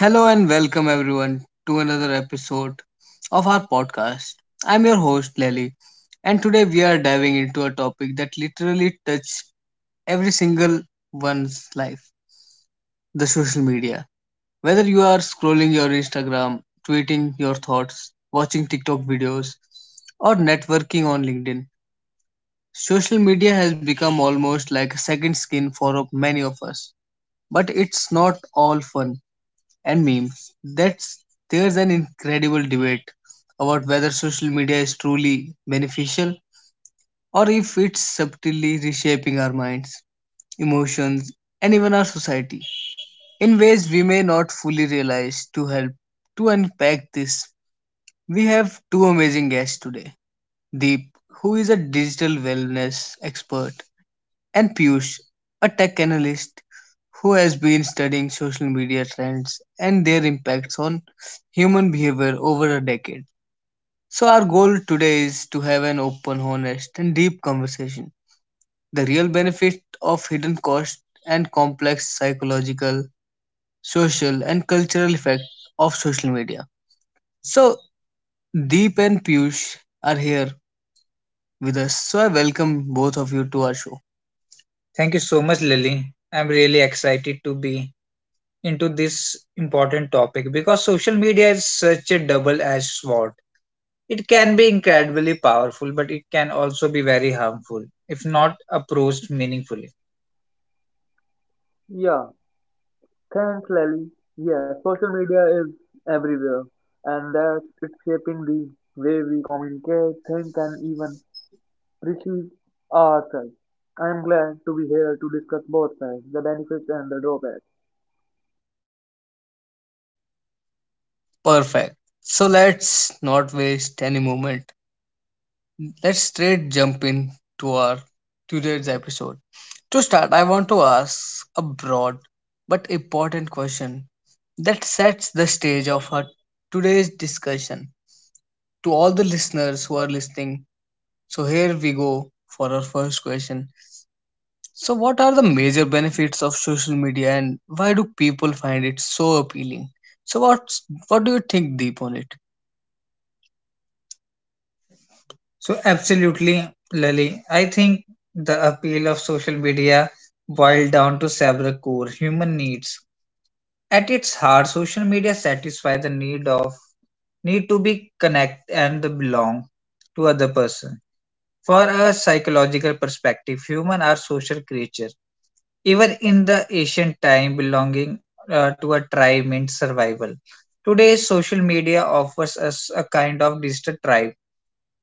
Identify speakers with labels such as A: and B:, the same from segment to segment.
A: Hello and welcome everyone to another episode of our podcast. I'm your host Lely, and today we are diving into a topic that literally touches every single one's life, the social media. Whether you are scrolling your Instagram, tweeting your thoughts, watching TikTok videos, or networking on LinkedIn, social media has become almost like a second skin for many of us. But it's not all fun and memes. That's There's an incredible debate about whether social media is truly beneficial or if it's subtly reshaping our minds, emotions, and even our society in ways we may not fully realize. To unpack this, we have two amazing guests today, Deep, who is a digital wellness expert, and Piyush, a tech analyst who has been studying social media trends and their impacts on human behavior over a decade. So, our goal today is to have an open, honest, and deep conversation. The real benefit of hidden cost and complex psychological, social, and cultural effect of social media. So, Deep and Piyush are here with us. So, I welcome both of you to our show. Thank you so much, Lily. I'm really excited to be into this important topic because social media is such a double edged sword. It can be incredibly powerful, but it can also be very harmful if not approached meaningfully.
B: Yeah, thanks, Lally. Yeah, social media is everywhere, and that it's shaping the way we communicate, think, and even perceive ourselves. I'm glad to be here to discuss both sides, the benefits and the drawbacks.
A: Perfect. So let's not waste any moment. Let's straight jump in to our today's episode. To start, I want to ask a broad but important question that sets the stage of our today's discussion. To all the listeners who are listening, so here we go for our first question. So what are the major benefits of social media, and why do people find it so appealing? So what do you think, Deep, on it? So absolutely, Lali. I think the appeal of social media boiled down to several core human needs. At its heart, social media satisfies the need to be connect and the belong to other person. For a psychological perspective, human are social creature. Even in the ancient time, belonging to a tribe meant survival. Today, social media offers us a kind of digital tribe.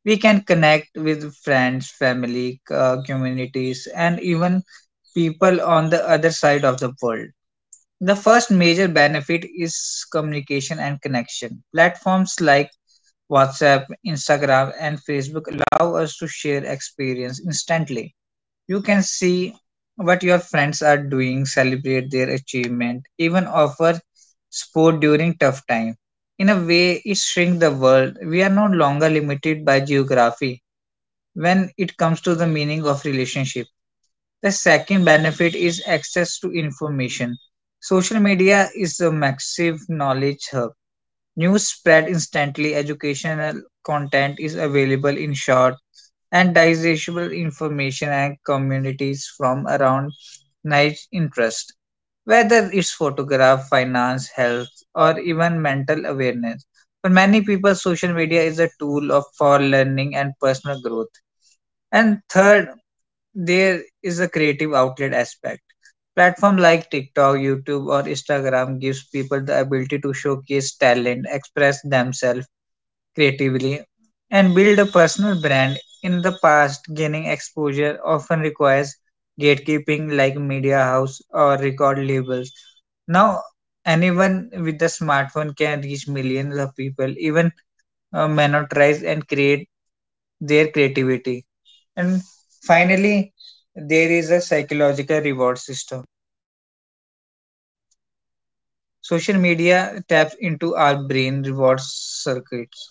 A: We can connect with friends, family, communities, and even people on the other side of the world. The first major benefit is communication and connection. Platforms like WhatsApp, Instagram, and Facebook allow us to share experience instantly. You can see what your friends are doing, celebrate their achievement, even offer support during tough time. In a way, it shrinks the world. We are no longer limited by geography when it comes to the meaning of relationship. The second benefit is access to information. Social media is a massive knowledge hub. News spread instantly, educational content is available in short and digestible information, and communities from around niche interest. Whether it's photograph, finance, health, or even mental awareness. For many people, social media is a tool of for learning and personal growth. And third, there is a creative outlet aspect. Platform like TikTok, YouTube, or Instagram gives people the ability to showcase talent, express themselves creatively, and build a personal brand. In the past, gaining exposure often requires gatekeeping like media house or record labels. Now, anyone with a smartphone can reach millions of people, even monetize and create their creativity. And finally, there is a psychological reward system. Social media taps into our brain reward circuits,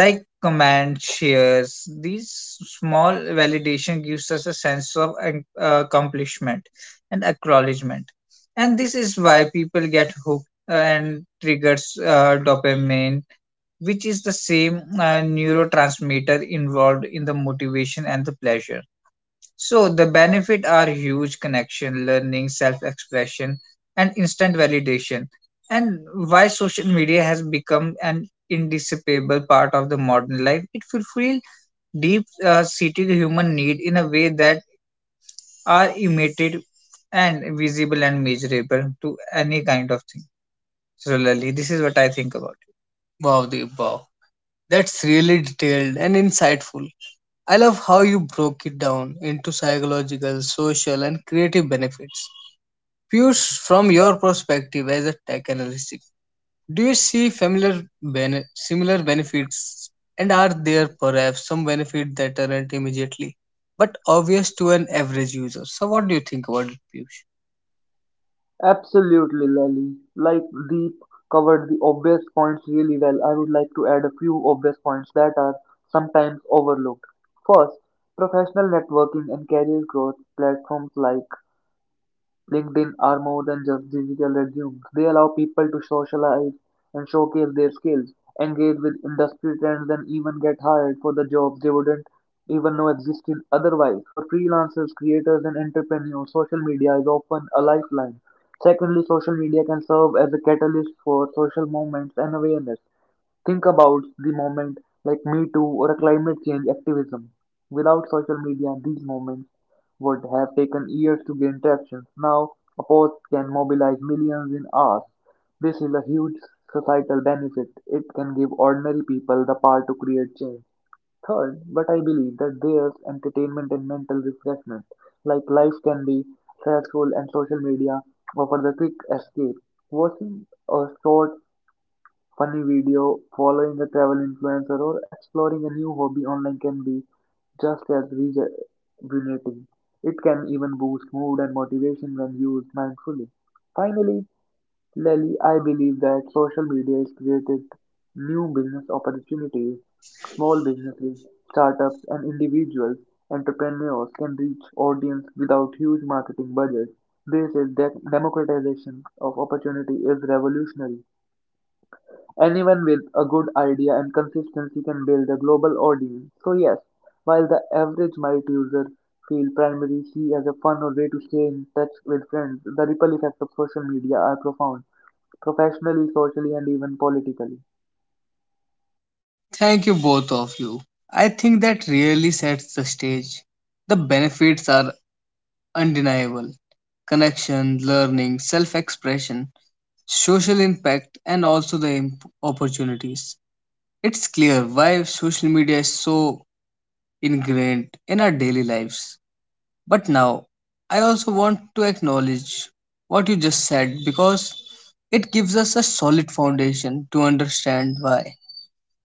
A: like comments, shares. These small validation gives us a sense of accomplishment and acknowledgement. And this is why people get hooked, and triggers dopamine, which is the same neurotransmitter involved in the motivation and the pleasure. So the benefit are huge, connection, learning, self-expression, and instant validation. And why social media has become an indispensable part of the modern life, it fulfills deep-seated human need in a way that are imitated and visible and measurable to any kind of thing. So Lali, this is what I think about it. Wow, Deep, wow. That's really detailed and insightful. I love how you broke it down into psychological, social, and creative benefits. Piyush, from your perspective as a tech analyst, do you see familiar similar benefits, and are there perhaps some benefits that aren't immediately but obvious to an average user? So, what do you think about it, Piyush?
B: Absolutely, Lally. Like Deep covered the obvious points really well, I would like to add a few obvious points that are sometimes overlooked. First, professional networking and career growth platforms like LinkedIn are more than just digital resumes. They allow people to socialize and showcase their skills, engage with industry trends, and even get hired for the jobs they wouldn't even know existed otherwise. For freelancers, creators, and entrepreneurs, social media is often a lifeline. Secondly, social media can serve as a catalyst for social movements and awareness. Think about the moment like Me Too or a climate change activism. Without social media, these movements would have taken years to gain traction. Now, a post can mobilize millions in hours. This is a huge societal benefit. It can give ordinary people the power to create change. Third, but I believe that there's entertainment and mental refreshment. Like life can be stressful and social media offers a quick escape. Watching a short funny video, following a travel influencer, or exploring a new hobby online can be just as rejuvenating. It can even boost mood and motivation when used mindfully. Finally, Lily, I believe that social media has created new business opportunities. Small businesses, startups, and individuals, entrepreneurs can reach audience without huge marketing budgets. This is that democratization of opportunity is revolutionary. Anyone with a good idea and consistency can build a global audience. So yes, while the average Might user feel primary C as a fun or way to stay in touch with friends, the ripple effects of social media are profound, professionally, socially, and even politically.
A: Thank you, both of you. I think that really sets the stage. The benefits are undeniable, connection, learning, self expression, social impact, and also the opportunities. It's clear why social media is so ingrained in our daily lives. But now, I also want to acknowledge what you just said, because it gives us a solid foundation to understand why.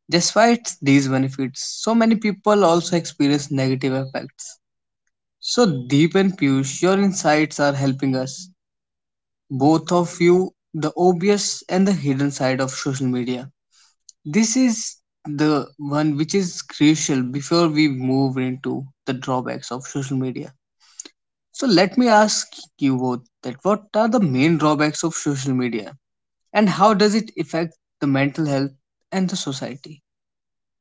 A: Despite these benefits, so many people also experience negative effects. So, Deep and Piyush, your insights are helping us, both of you, the obvious and the hidden side of social media. This is the one which is crucial before we move into the drawbacks of social media. So let me ask you both that what are the main drawbacks of social media, and how does it affect the mental health and the society?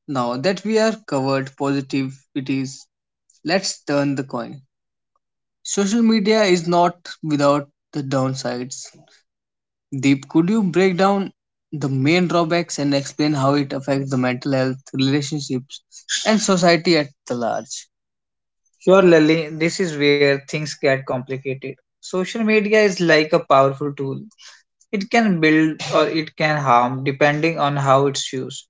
A: Now that we are covered positivities, let's turn the coin. Social media is not without the downsides. Deep, could you break down the main drawbacks and explain how it affects the mental health, relationships, and society at the large? Sure, Lally, this is where things get complicated. Social media is like a powerful tool. It can build or it can harm depending on how it's used.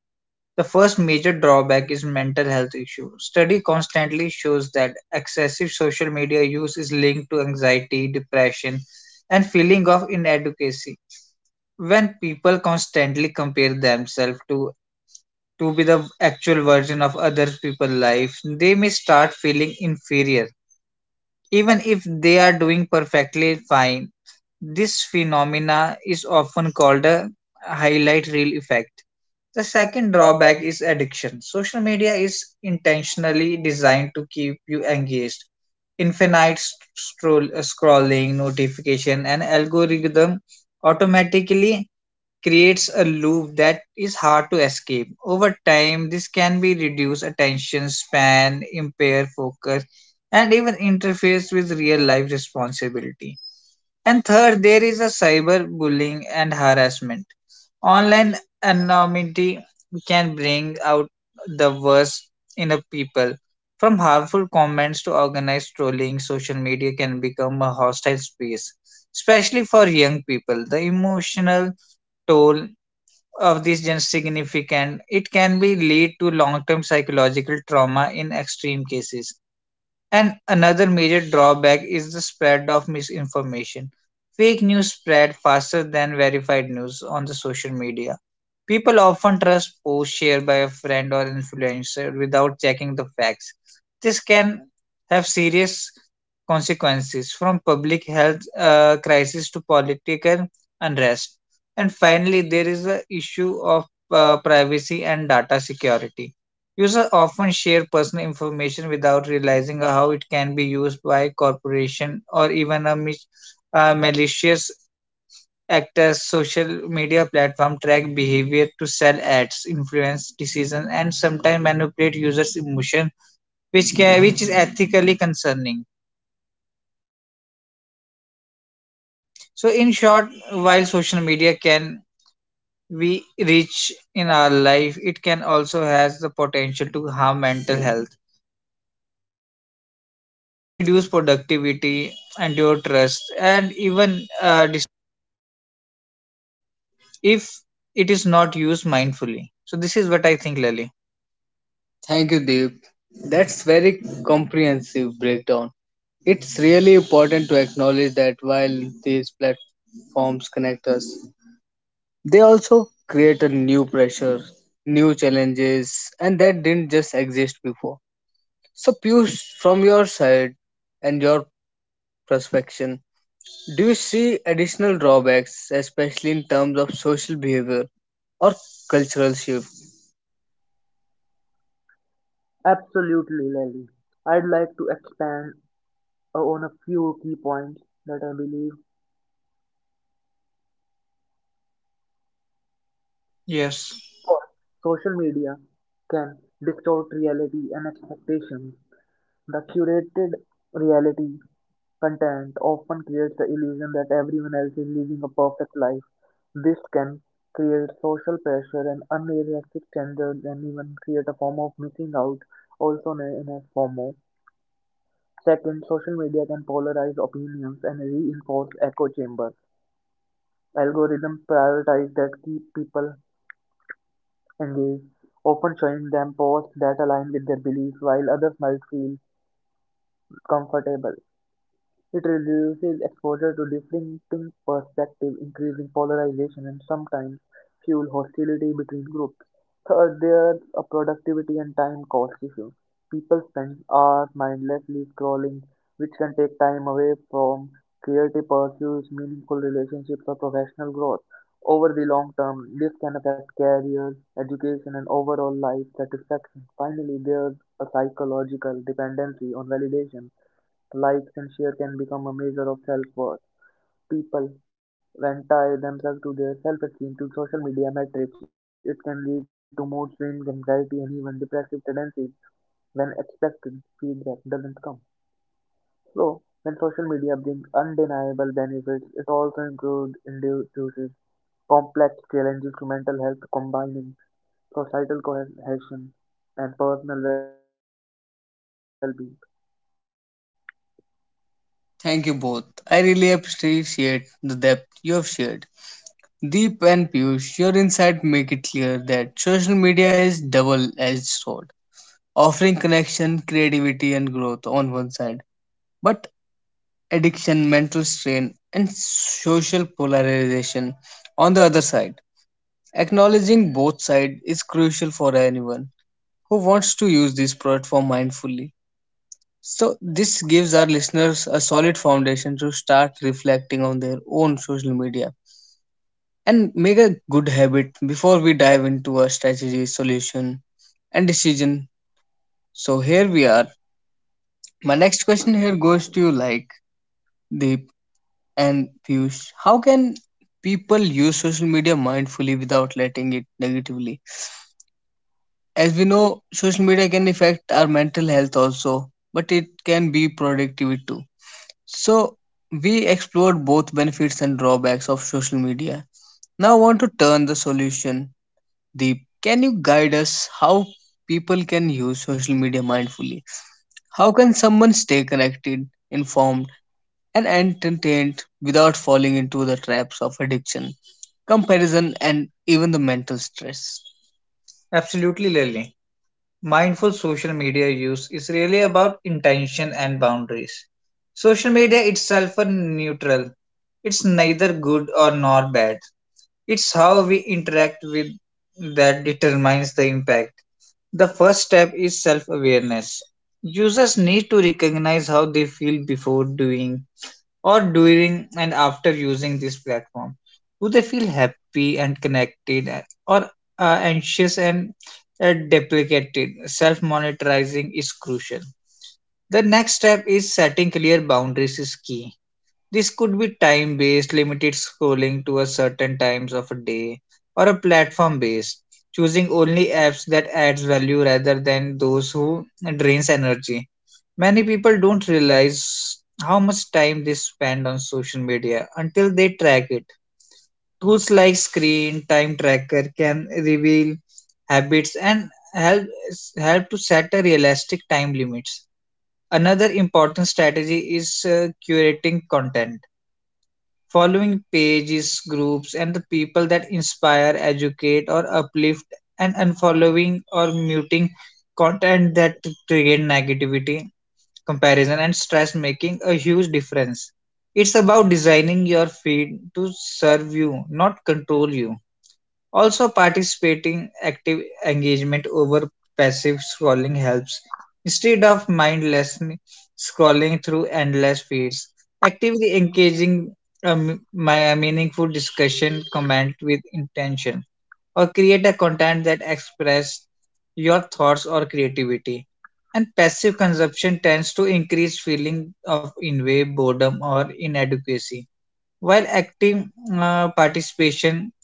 A: The first major drawback is mental health issue. Study constantly shows that excessive social media use is linked to anxiety, depression, and feeling of inadequacy. When people constantly compare themselves to be the actual version of other people's life, they may start feeling inferior, even if they are doing perfectly fine. This phenomena is often called a highlight reel effect. The second drawback is addiction. Social media is intentionally designed to keep you engaged. Infinite scrolling, notification, and algorithm automatically creates a loop that is hard to escape. Over time, this can be reduce attention span, impair focus, and even interfere with real life responsibility. And third, there is a cyberbullying and harassment. Online anonymity can bring out the worst in a people. From harmful comments to organized trolling, social media can become a hostile space, especially for young people. The emotional toll of this gen significant, it can be lead to long-term psychological trauma in extreme cases. And another major drawback is the spread of misinformation. Fake news spread faster than verified news on the social media. People often trust posts shared by a friend or influencer without checking the facts. This can have serious consequences, from public health crisis to political unrest. And finally, there is the issue of privacy and data security. Users often share personal information without realizing how it can be used by corporation or even a malicious actors. Social media platform track behavior to sell ads, influence decisions, and sometimes manipulate users' emotion, which is ethically concerning. So, in short, while social media can be rich in our life, it can also has the potential to harm mental health and reduce productivity and your trust and even if it is not used mindfully. So this is what I think, Lally. Thank you, Deep. That's very comprehensive breakdown. It's really important to acknowledge that while these platforms connect us, they also create a new pressure, new challenges, and that didn't just exist before. So, Piyush, from your side and your perspective, do you see additional drawbacks, especially in terms of social behavior or cultural shift?
B: Absolutely, Lily. I'd like to expand on a few key points that I believe.
A: Yes.
B: First, social media can distort reality and expectations. The curated reality content often creates the illusion that everyone else is living a perfect life. This can create social pressure and unrealistic standards and even create a form of missing out, also known as FOMO. Second, social media can polarize opinions and reinforce echo chambers. Algorithms prioritize that keep people engaged, often showing them posts that align with their beliefs while others might feel comfortable. It reduces exposure to different perspectives, increasing polarization, and sometimes fuel hostility between groups. Third, there's a productivity and time cost issue. People spend hours mindlessly scrolling, which can take time away from creative pursuits, meaningful relationships, or professional growth. Over the long term, this can affect careers, education, and overall life satisfaction. Finally, there's a psychological dependency on validation. Likes and share can become a measure of self-worth. People, when tie themselves to their self-esteem to social media metrics, it can lead to mood swings, anxiety, and even depressive tendencies when expected feedback doesn't come. So, when social media brings undeniable benefits, it also includes introduces complex challenges to mental health, combining societal cohesion and personal well-being.
A: Thank you both. I really appreciate the depth you have shared. Deep and Piyush, your insight make it clear that social media is double-edged sword, offering connection, creativity, and growth on one side, but addiction, mental strain, and social polarization on the other side. Acknowledging both sides is crucial for anyone who wants to use this platform mindfully. So, this gives our listeners a solid foundation to start reflecting on their own social media and make a good habit before we dive into our strategy, solution, and decision. So, here we are. My next question here goes to you, like Deep and Piyush. How can people use social media mindfully without letting it negatively? As we know, social media can affect our mental health also, but it can be productivity too. So, we explored both benefits and drawbacks of social media. Now, I want to turn the solution. Deep, can you guide us how people can use social media mindfully? How can someone stay connected, informed, and entertained without falling into the traps of addiction, comparison, and even the mental stress? Absolutely, Lily. Mindful social media use is really about intention and boundaries. Social media itself are neutral. It's neither good or nor bad. It's how we interact with that determines the impact. The first step is self awareness. Users need to recognize how they feel before doing or during and after using this platform. Do they feel happy and connected, or uh, anxious and deprecated? Self monitoring is crucial. The next step is setting clear boundaries is key. This could be time based, limited scrolling to a certain times of a day, or a platform based, choosing only apps that adds value rather than those who drains energy. Many people don't realize how much time they spend on social media until they track it. Tools like screen time tracker can reveal habits and help to set a realistic time limits. Another important strategy is curating content, following pages, groups, and the people that inspire, educate, or uplift, and unfollowing or muting content that create negativity, comparison, and stress, making a huge difference. It's about designing your feed to serve you, not control you. Also, participating active engagement over passive scrolling helps. Instead of mindlessly scrolling through endless feeds, actively engaging my a meaningful discussion, comment with intention, or create a content that express your thoughts or creativity. And passive consumption tends to increase feeling of in way boredom or inadequacy, while active participation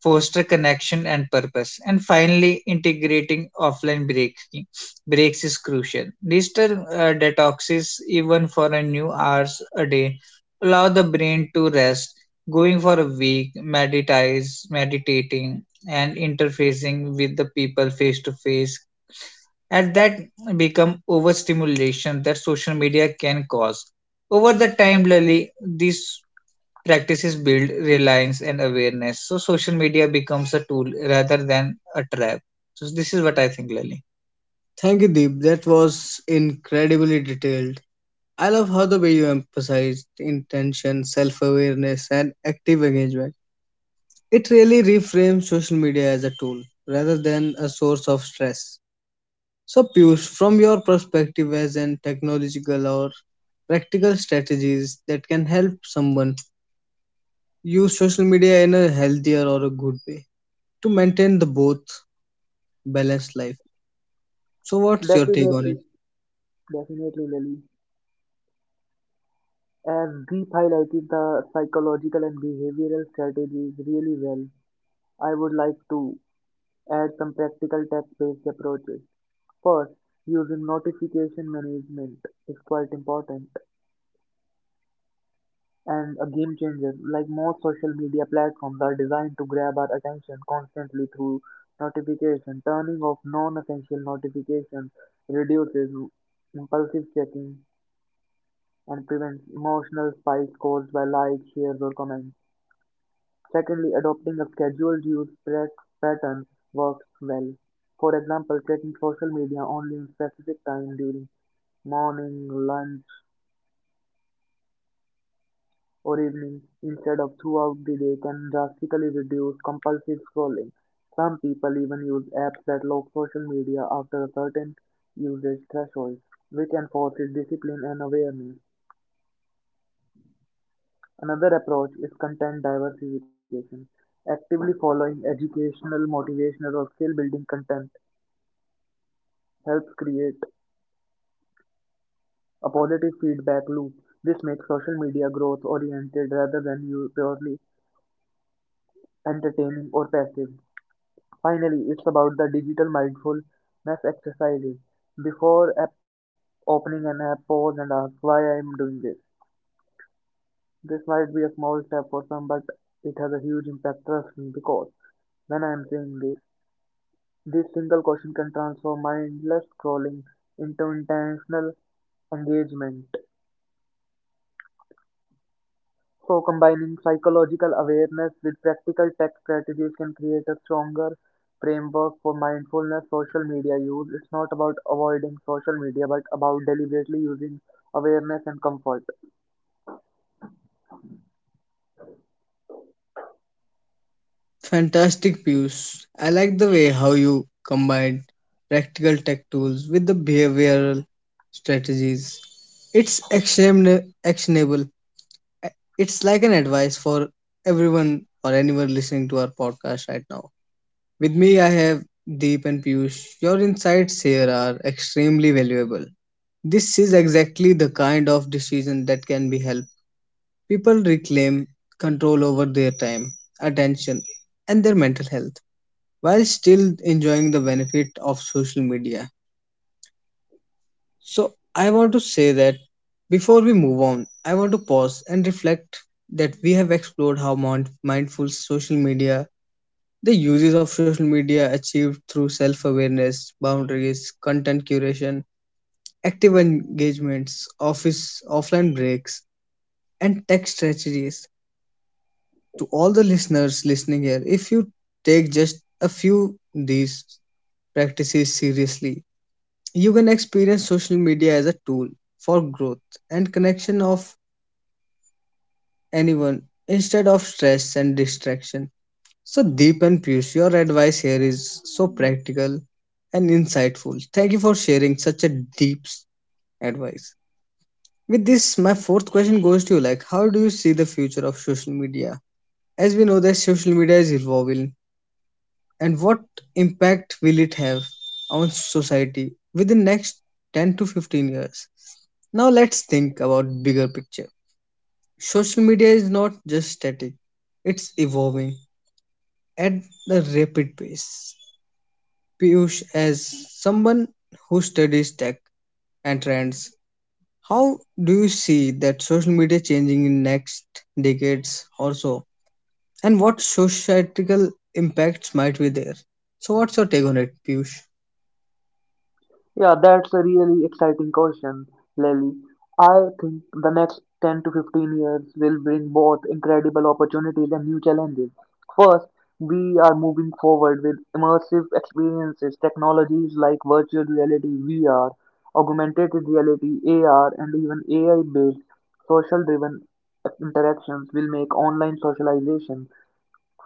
A: foster connection and purpose. And finally, integrating offline breaking breaks is crucial. Digital detoxes, even for a new hours a day, allow the brain to rest. Going for a week, meditating, and interfacing with the people face to face at that become overstimulation that social media can cause. Over the time, Lily, this practices build reliance and awareness. So social media becomes a tool rather than a trap. So this is what I think, Lally. Thank you, Deep. That was incredibly detailed. I love how the way you emphasized intention, self awareness, and active engagement. It really reframes social media as a tool rather than a source of stress. So, Piyush, from your perspective as an technological or practical strategies that can help someone use social media in a healthier or a good way to maintain the both balanced life. So what's your take on
B: Definitely,
A: it?
B: definitely, Lily. As Deep highlighted the psychological and behavioral strategies really well, I would like to add some practical tech-based approaches. First, using notification management is quite important and a game changer. Like most social media platforms are designed to grab our attention constantly through notification. Turning off non-essential notifications reduces impulsive checking and prevents emotional spikes caused by likes, shares, or comments. Secondly, adopting a pattern works well. For example, checking social media only in specific time during morning, lunch, or evening instead of throughout the day can drastically reduce compulsive scrolling. Some people even use apps that lock social media after a certain usage threshold, which enforces discipline and awareness. Another approach is content diversification, actively following educational, motivational, or skill building content helps create a positive feedback loop. This makes social media growth oriented rather than purely entertaining or passive. Finally, it's about the digital mindfulness exercises. Before app opening an app, pause and ask why I am doing this. This might be a small step for some, but it has a huge impact, trust me, because when I am saying this, this single question can transform mindless scrolling into intentional engagement. So, combining psychological awareness with practical tech strategies can create a stronger framework for mindfulness social media use. It's not about avoiding social media, but about deliberately using awareness and comfort.
A: Fantastic Piyush. I like the way how you combined practical tech tools with the behavioral strategies. It's actionable. It's like an advice for everyone or anyone listening to our podcast right now. With me I have Deep and Piyush. Your insights here are extremely valuable. This is exactly the kind of decision that can be helpful. People reclaim control over their time, attention, and their mental health while still enjoying the benefit of social media. So, I want to say that before we move on, I want to pause and reflect that we have explored how mindful social media, the uses of social media achieved through self awareness, boundaries, content curation, active engagements, office offline breaks, and tech strategies. To all the listeners listening here, if you take just a few these practices seriously, you can experience social media as a tool for growth and connection of anyone instead of stress and distraction. So Deep and Piyush, your advice here is so practical and insightful. Thank you for sharing such a deep advice. With this, my fourth question goes to you, like how do you see the future of social media? As we know that social media is evolving, and what impact will it have on society within next 10 to 15 years. Now let's think about bigger picture. Social media is not just static, it's evolving at a rapid pace. Piyush, as someone who studies tech and trends, how do you see that social media changing in next decades or so, and what societal impacts might be there? So what's your take on it, Piyush?
B: Yeah, that's a really exciting question, Lily. I think the next 10 to 15 years will bring both incredible opportunities and new challenges. First, we are moving forward with immersive experiences, technologies like virtual reality, VR, augmented reality, AR, and even AI based social driven interactions will make online socialization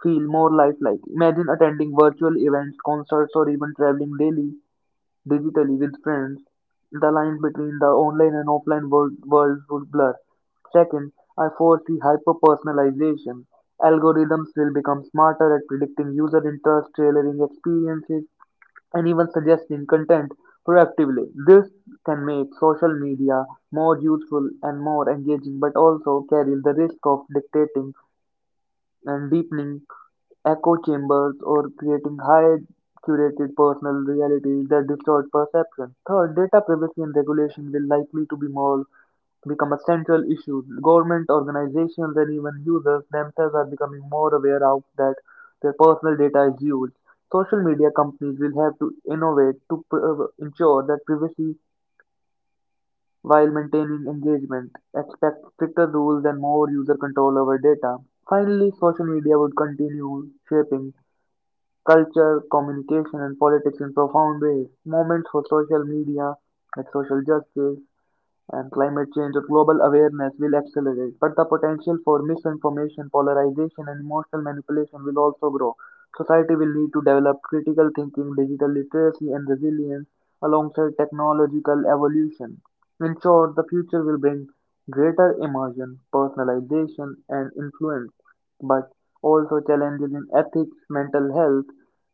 B: feel more lifelike. Imagine attending virtual events, concerts, or even traveling daily digitally, with friends, the lines between the online and offline world, worlds would blur. Second, I foresee hyper personalization. Algorithms will become smarter at predicting user interest, tailoring experiences, and even suggesting content proactively. This can make social media more useful and more engaging, but also carries the risk of dictating and deepening echo chambers or creating high curated personal realities that distort perception. Third, data privacy and regulation will likely to be more become a central issue. Government organizations and even users themselves are becoming more aware of that their personal data is used. Social media companies will have to innovate to ensure that privacy while maintaining engagement. Expect stricter rules and more user control over data. Finally, social media would continue shaping culture, communication, and politics in profound ways. Moments for social media, like social justice, and climate change or global awareness will accelerate, but the potential for misinformation, polarization, and emotional manipulation will also grow. Society will need to develop critical thinking, digital literacy, and resilience alongside technological evolution. In short, the future will bring greater immersion, personalization, and influence, but also challenges in ethics, mental health,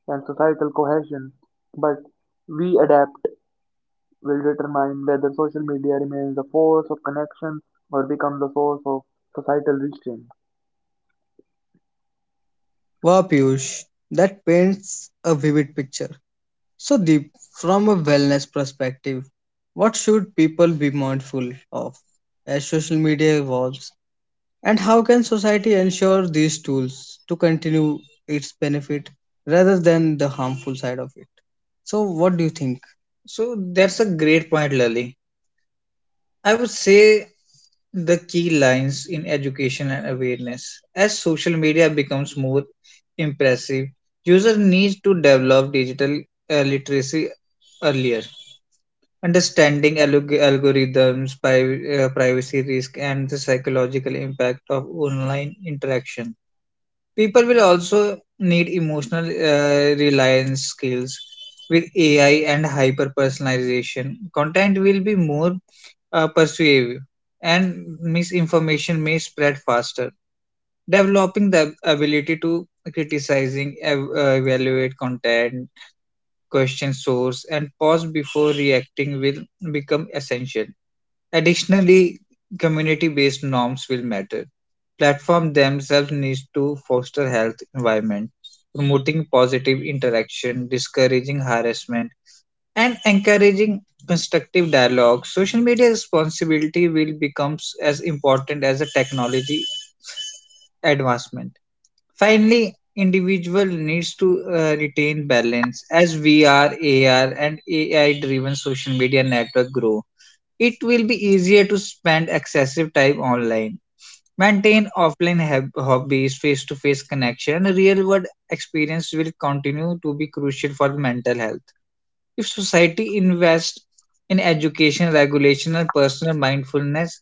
B: and societal cohesion. But we adapt will determine whether social media remains a force of connection or becomes a source of societal restraint.
A: Wow, Piyush, that paints a vivid picture. So, Deep, from a wellness perspective, what should people be mindful of as social media evolves, and how can society ensure these tools to continue its benefit rather than the harmful side of it? So, what do you think? So that's a great point, Lali. I would say the key lines in education and awareness. As social media becomes more impressive, users need to develop digital literacy earlier. Understanding algorithms, privacy risk, and the psychological impact of online interaction. People will also need emotional reliance skills. With AI and hyper personalization, content will be more persuasive and misinformation may spread faster. Developing the ability to criticizing, evaluate content, question source, and pause before reacting will become essential. Additionally, community based norms will matter. Platforms themselves need to foster health environment, promoting positive interaction, discouraging harassment, and encouraging constructive dialogue. Social media responsibility will become as important as a technology advancement. Finally, individual needs to retain balance as VR, AR, and AI driven social media network grow. It will be easier to spend excessive time online. Maintain offline hobbies, face to face connection, real world experience will continue to be crucial for the mental health. If society invests in education, regulation, and personal mindfulness,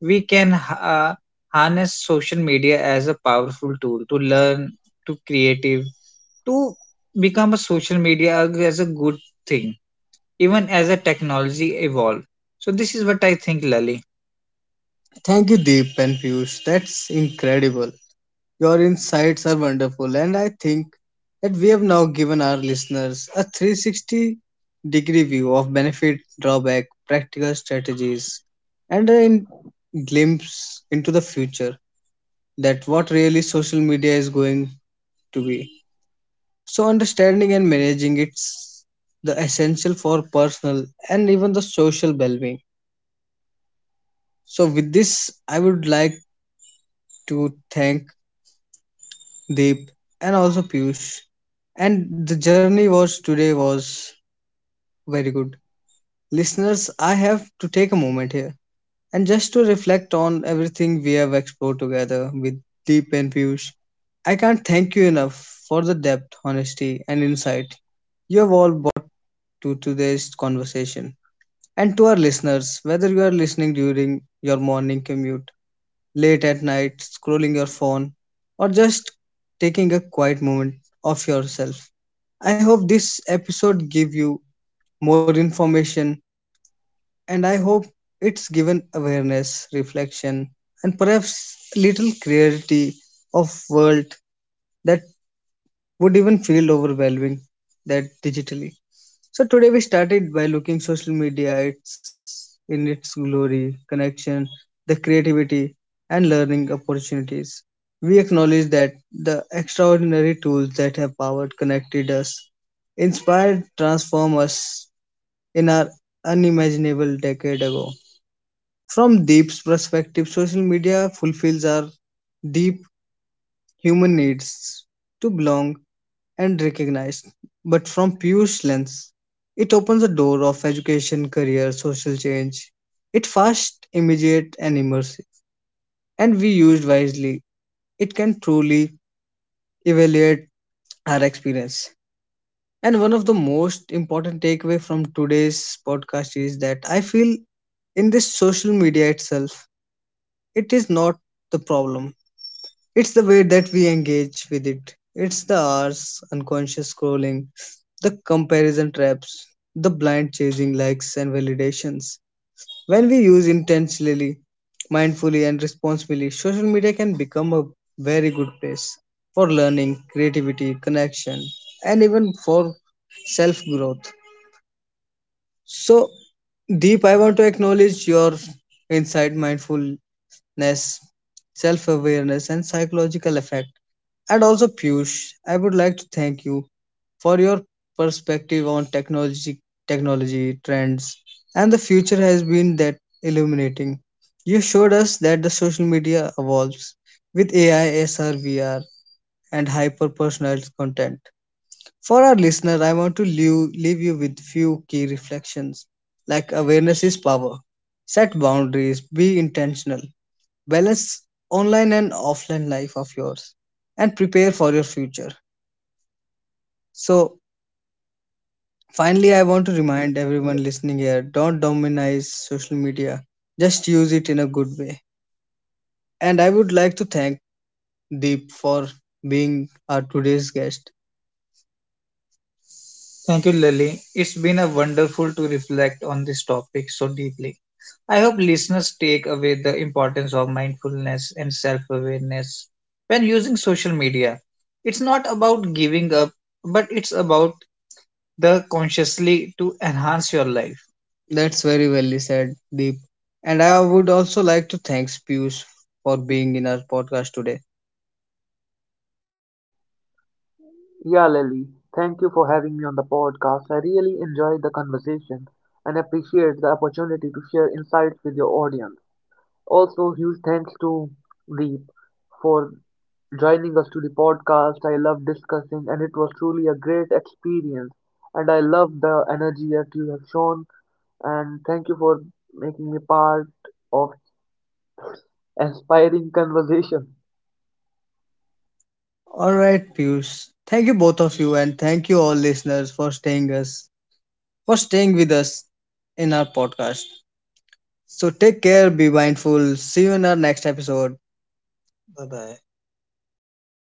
A: we can harness social media as a powerful tool to learn, to creative, to become a social media as a good thing, even as a technology evolve. So this is what I think, Lali. Thank you, Deep and Piyush. That's incredible. Your insights are wonderful, and I think that we have now given our listeners a 360-degree view of benefit, drawback, practical strategies, and a glimpse into the future that what really social media is going to be. So, understanding and managing it's the essential for personal and even the social well being. So, with this, I would like to thank Deep, and also Piyush. And the journey was today was very good. Listeners, I have to take a moment here and just to reflect on everything we have explored together with Deep and Piyush. I can't thank you enough for the depth, honesty, and insight you have all brought to today's conversation. And to our listeners, whether you are listening during your morning commute, late at night, scrolling your phone, or just taking a quiet moment of yourself. I hope this episode gave you more information and I hope it's given awareness, reflection and perhaps little clarity of world that would even feel overwhelming that digitally. So today we started by looking social media its in its glory, connection, the creativity and learning opportunities. We acknowledge that the extraordinary tools that have powered connected us, inspired transformed us in our unimaginable decade ago. From Deep's perspective, social media fulfills our deep human needs to belong, and recognized, but from Piyush's lens, it opens a door of education, career, social change. It fast, immediate, and immersive, and we used wisely, it can truly evaluate our experience. And one of the most important takeaway from today's podcast is that I feel in this social media itself, it is not the problem. It's the way that we engage with it. It's the hours, unconscious scrolling, the comparison traps, the blind chasing likes and validations. When we use intentionally, mindfully, and responsibly, social media can become a very good place for learning, creativity, connection, and even for self growth. So, Deep, I want to acknowledge your insight, mindful self awareness, and psychological effect. And also, Piyush, I would like to thank you for your perspective on technology, technology trends, and the future has been that illuminating. You showed us that the social media evolves with AI, SR, and hyper personalized content. For our listener, I want to leave you with few key reflections. Like awareness is power. Set boundaries, be intentional, balance online and offline life of yours and prepare for your future. So, finally, I want to remind
B: Y-
A: everyone listening here don't dominize social media, just use it in a good way. And I would like to thank Deep for being our today's guest. Thank you, Lily. It's been a wonderful to reflect on this topic so deeply. I hope listeners take away the importance of mindfulness and self awareness when using social media. It's not about giving up, but it's about the consciously to enhance your life. That's very well said, Deep. And I would also like to thank Piyush for being in our podcast today.
B: Yeah, Lily, thank you for having me on the podcast. I really enjoyed the conversation and appreciate the opportunity to share insights with your audience. Also, huge thanks to Deep for joining us to the podcast. I love discussing, and it was truly a great experience. And I love the energy that you have shown. And thank you for making me part of inspiring conversation.
A: All right, Piyush. Thank you both of you, and thank you all listeners for staying with us in our podcast. So take care, be mindful. See you in our next episode. Bye bye.